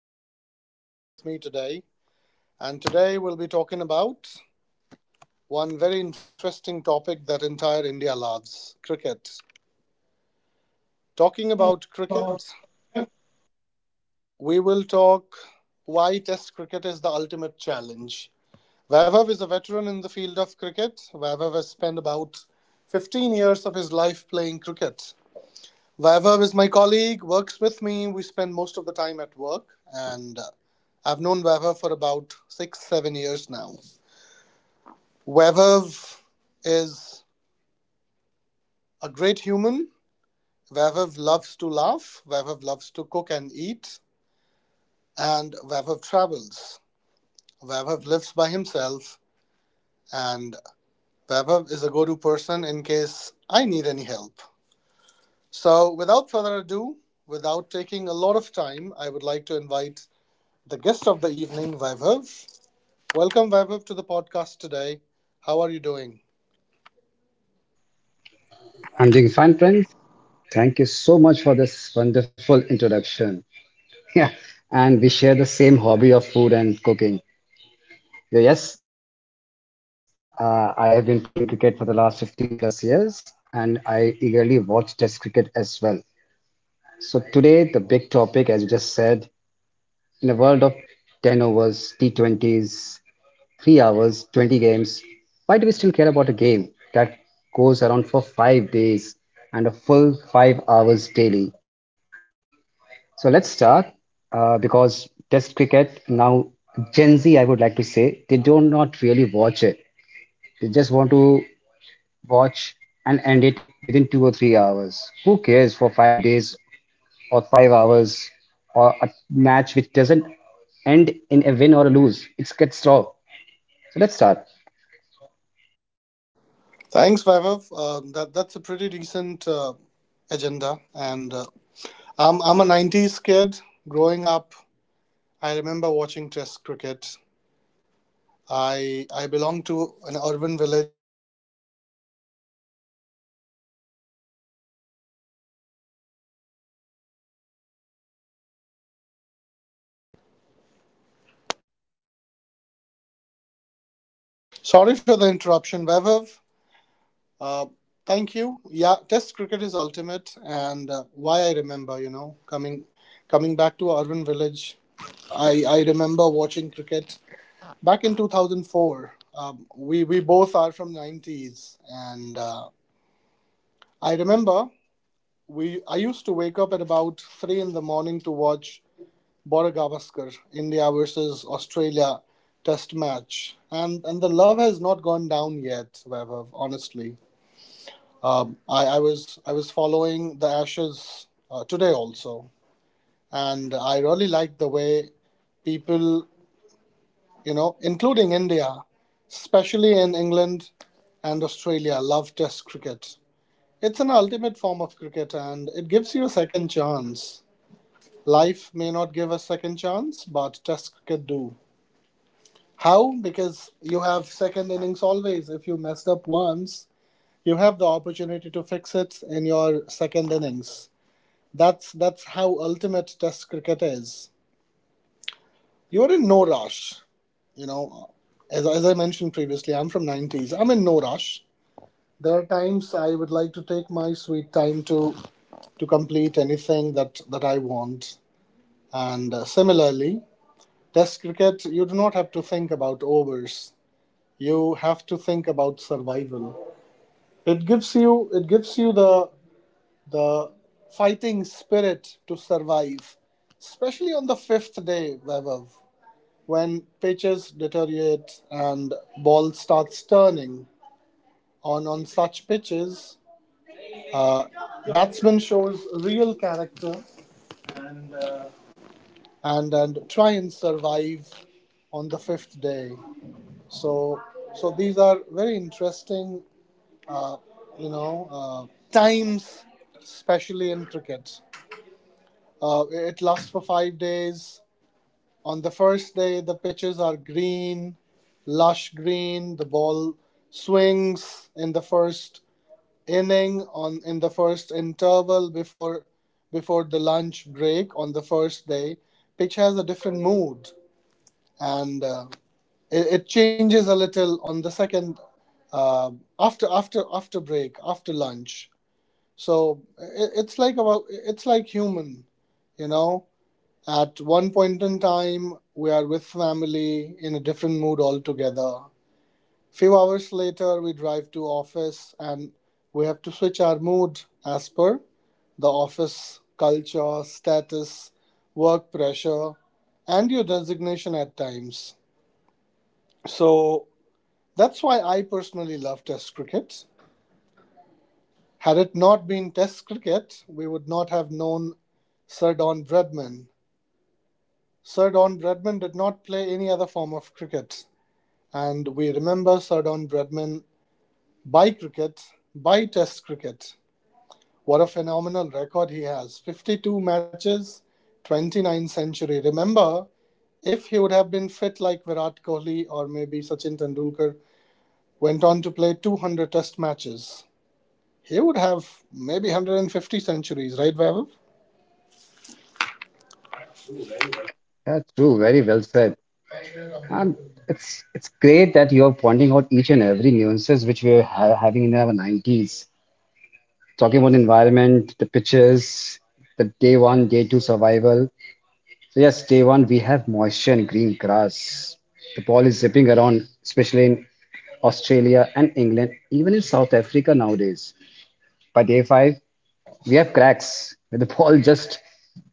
my colleague Vaibhav with me today. And today we'll be talking about one very interesting topic that entire India loves cricket. Talking about cricket, Talking about we will talk why Test cricket is the ultimate challenge. Vaibhav is a veteran in the field of cricket. Vaibhav has spent about 15 years of his life playing cricket. Vaibhav is my colleague, works with me. We spend most of the time at work, and I've known Vaibhav for about six, 7 years now. Vaibhav is a great human. Vaibhav loves to laugh. Vaibhav loves to cook and eat. And Vaibhav travels. Vaibhav lives by himself. And Vaibhav is a go to person in case I need any help. So, without further ado, without taking a lot of time, I would like to invite the guest of the evening, Vaibhav. Welcome, Vaibhav, to the podcast today. How are you doing? I'm doing fine, friends. Thank you so much for this wonderful introduction. Yeah, and we share the same hobby of food and cooking. Yeah, yes, I have been playing cricket for the last 15 plus years, and I eagerly watch Test cricket as well. So today, the big topic, as you just said, in a world of 10 overs, T20s, 3 hours, 20 games, why do we still care about a game that goes around for 5 days and a full 5 hours daily? So let's start because Test cricket now Gen Z, I would like to say, they do not really watch it. They just want to watch and end it within 2 or 3 hours. Who cares for 5 days or 5 hours or a match which doesn't end in a win or a lose? It gets draw. So let's start. Thanks, Vaibhav. That's a pretty decent agenda. And I'm a '90s kid. Growing up, I remember watching Test cricket. I belong to an urban village. Sorry for the interruption, Vaibhav. Uh, Thank you. Yeah, Test cricket is ultimate, and why I remember, coming back to urban village, I remember watching cricket back in 2004. We both are from 90s, and I remember we I used to wake up at about 3 in the morning to watch Border Gavaskar India versus Australia Test match, and the love has not gone down yet, Vaibhav. Honestly. I was following the Ashes today also, and I really liked the way people, including India, especially in England and Australia, love Test cricket. It's an ultimate form of cricket, and it gives you a second chance. Life may not give a second chance, but Test cricket do. How? Because you have second innings always. If you messed up once, you have the opportunity to fix it in your second innings. That's how ultimate Test cricket is. You're in no rush. You know, as I mentioned previously, I'm from '90s. I'm in no rush. There are times I would like to take my sweet time to complete anything that I want. And similarly, Test cricket, you do not have to think about overs. You have to think about survival. It gives you the fighting spirit to survive, especially on the fifth day, Vaibhav. When pitches deteriorate and ball starts turning, on such pitches, uh, batsman shows real character, and uh, and try and survive on the fifth day. So so these are very interesting, uh, times, especially in cricket. It lasts for 5 days. On the first day, the pitches are green, lush green. The ball swings in the first inning, on in the first interval before the lunch break. On the first day, pitch has a different mood, and it changes a little on the second, uh, after after after break after lunch. It's like human, you know. At one point in time, we are with family in a different mood altogether. Few hours later, we drive to office and we have to switch our mood as per the office culture, status, work pressure, and your designation at times. So that's why I personally love Test cricket. Had it not been Test cricket, we would not have known Sir Don Bradman. Sir Don Bradman did not play any other form of cricket. And we remember Sir Don Bradman by cricket, by Test cricket. What a phenomenal record he has: 52 matches, 29 century. Remember, if he would have been fit like Virat Kohli or maybe Sachin Tendulkar, went on to play 200 Test matches, he would have maybe 150 centuries, right, Vaibhav? Yeah, true. Very well said. Um, it's great that you're pointing out each and every nuances which we are ha having in our 90s. Talking about the environment, the pitches, the day one, day two survival. So yes, day one we have moisture and green grass. The ball is zipping around, especially in Australia and England, even in South Africa nowadays. By day five, we have cracks where the ball just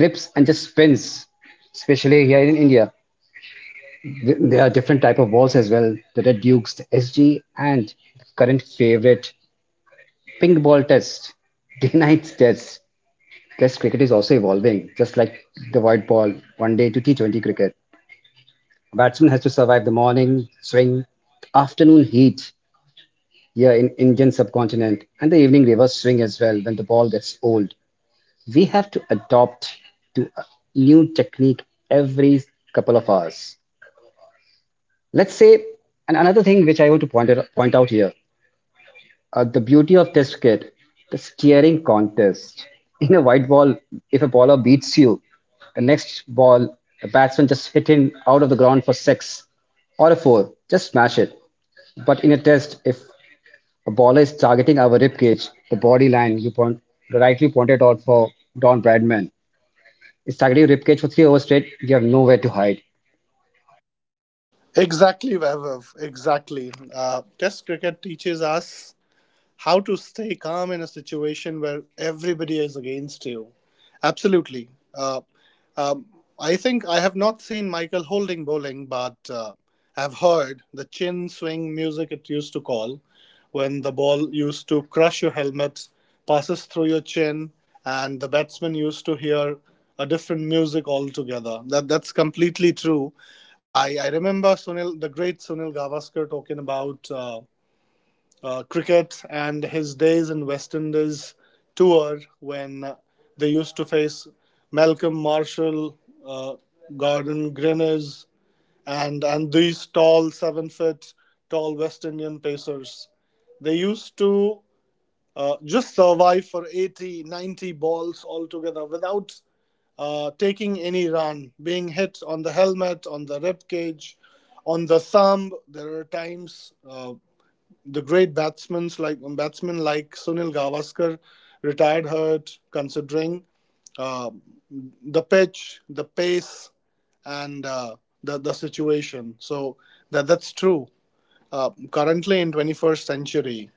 grips and just spins. Especially here in India, there are different type of balls as well. The Red Dukes, the SG, and current favorite pink ball test, day night test. Test cricket is also evolving, just like the white ball, one day to T20 cricket. A batsman has to survive the morning swing, afternoon heat here in Indian subcontinent, and the evening reverse swing as well when the ball gets old. We have to adopt to a new technique every couple of hours. Let's say, and another thing which I want to point out here. The beauty of this kit, the steering contest. In a white ball, if a bowler beats you, the next ball, the batsman just hit him out of the ground for six or a four, just smash it. But in a test, if a bowler is targeting our rib cage, the body line you point, rightly pointed out for Don Bradman, is targeting rib cage for three overs straight, you have nowhere to hide. Exactly, Vaibhav. Exactly. Test cricket teaches us how to stay calm in a situation where everybody is against you. Absolutely. Uh, um, I think I have not seen Michael holding bowling, but I've heard the chin swing music it used to call when the ball used to crush your helmet, passes through your chin, and the batsman used to hear a different music altogether. That's completely true. I remember Sunil, the great Sunil Gavaskar, talking about cricket and his days in West Indies tour when they used to face Malcolm Marshall, uh, Gordon Grinners, and these tall, 7 foot tall West Indian pacers. They used to just survive for 80, 90 balls altogether without taking any run, being hit on the helmet, on the rib cage, on the thumb. There are times the great batsmen like Sunil Gavaskar retired hurt, considering uh, the pitch, the pace, and the situation. So that's true. Currently in 21st century,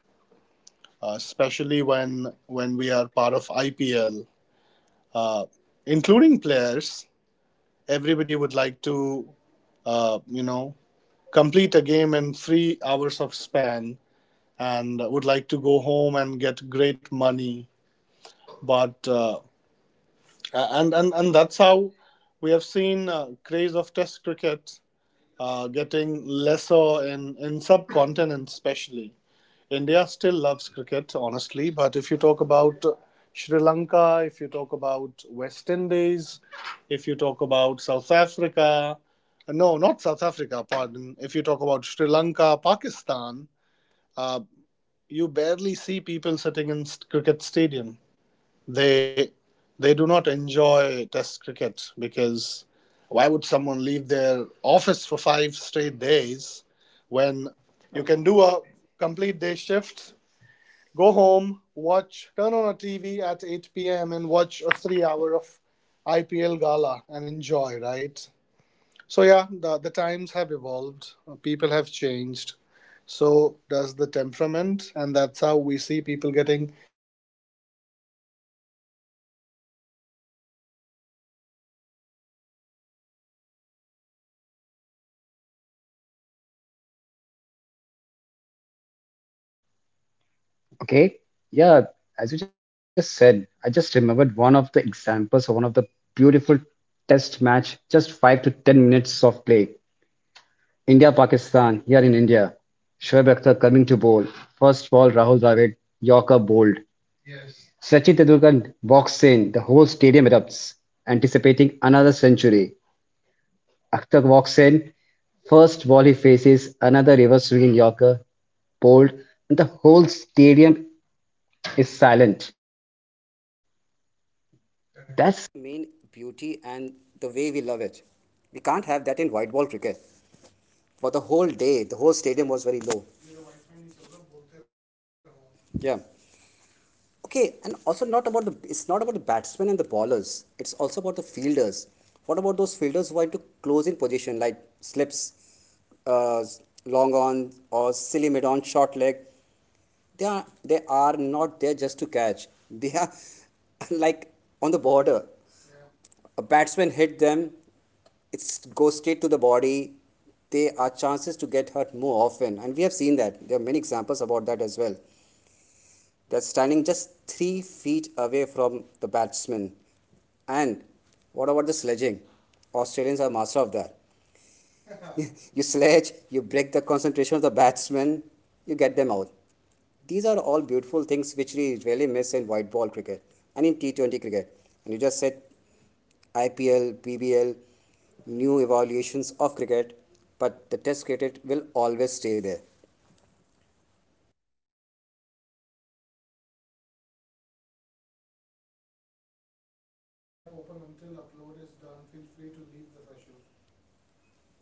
especially when we are part of IPL, uh, including players, everybody would like to uh, you know complete a game in 3 hours of span and would like to go home and get great money. But uh, and and and that's how we have seen craze of Test cricket getting lesser in subcontinent. Especially India still loves cricket, honestly. But if you talk about Sri Lanka, if you talk about West Indies, if you talk about South Africa, no, not South Africa, pardon. If you talk about Sri Lanka, Pakistan, uh, you barely see people sitting in cricket stadium. They they do not enjoy Test cricket, because why would someone leave their office for 5 straight days when you can do a complete day shift, go home, watch, turn on a TV at 8 p.m. and watch a 3 hour of IPL gala and enjoy, right? So yeah, the times have evolved, people have changed, so does the temperament. And that's how we see people getting angry, upset, quickly because they like they like quick environment, they like quick time. Okay. Yeah. As you just said, I just remembered one of the examples of one of the beautiful test match, just 5 to 10 minutes of play. India Pakistan here in India. Shoaib Akhtar coming to bowl. First ball, Rahul Dravid, Yorker bowled. Sachin Tendulkar walks in. The whole stadium erupts, anticipating another century. Akhtar walks in. First ball he faces another reverse swinging Yorker bowled, and the whole stadium is silent. That's main beauty and the way we love it. We can't have that in white ball cricket. For the whole day, the whole stadium was very low. Yeah. Okay, and also not about the it's not about the batsmen and the bowlers. It's also about the fielders. What about those fielders who are into close in position like slips, uh, long on or silly mid on, short leg? They are not there just to catch. They are like on the border. A batsman hit them, it's goes straight to the body. There are chances to get hurt more often, and we have seen that there are many examples about that as well. They're standing just 3 feet away from the batsman. And what about the sledging? Australians are master of that. You sledge, you break the concentration of the batsman, you get them out. These are all beautiful things which we really miss in white ball cricket and in T20 cricket. And you just said IPL, PBL, new evaluations of cricket, but the test cricket will always stay there.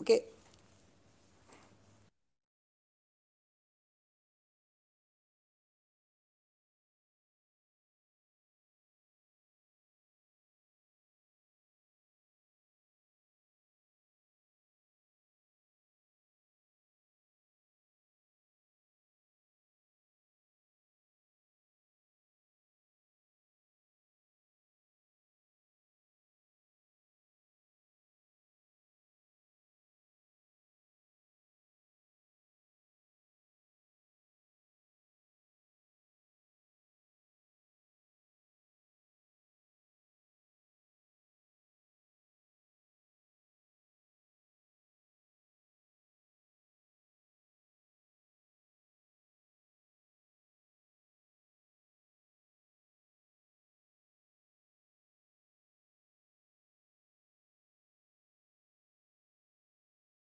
Okay,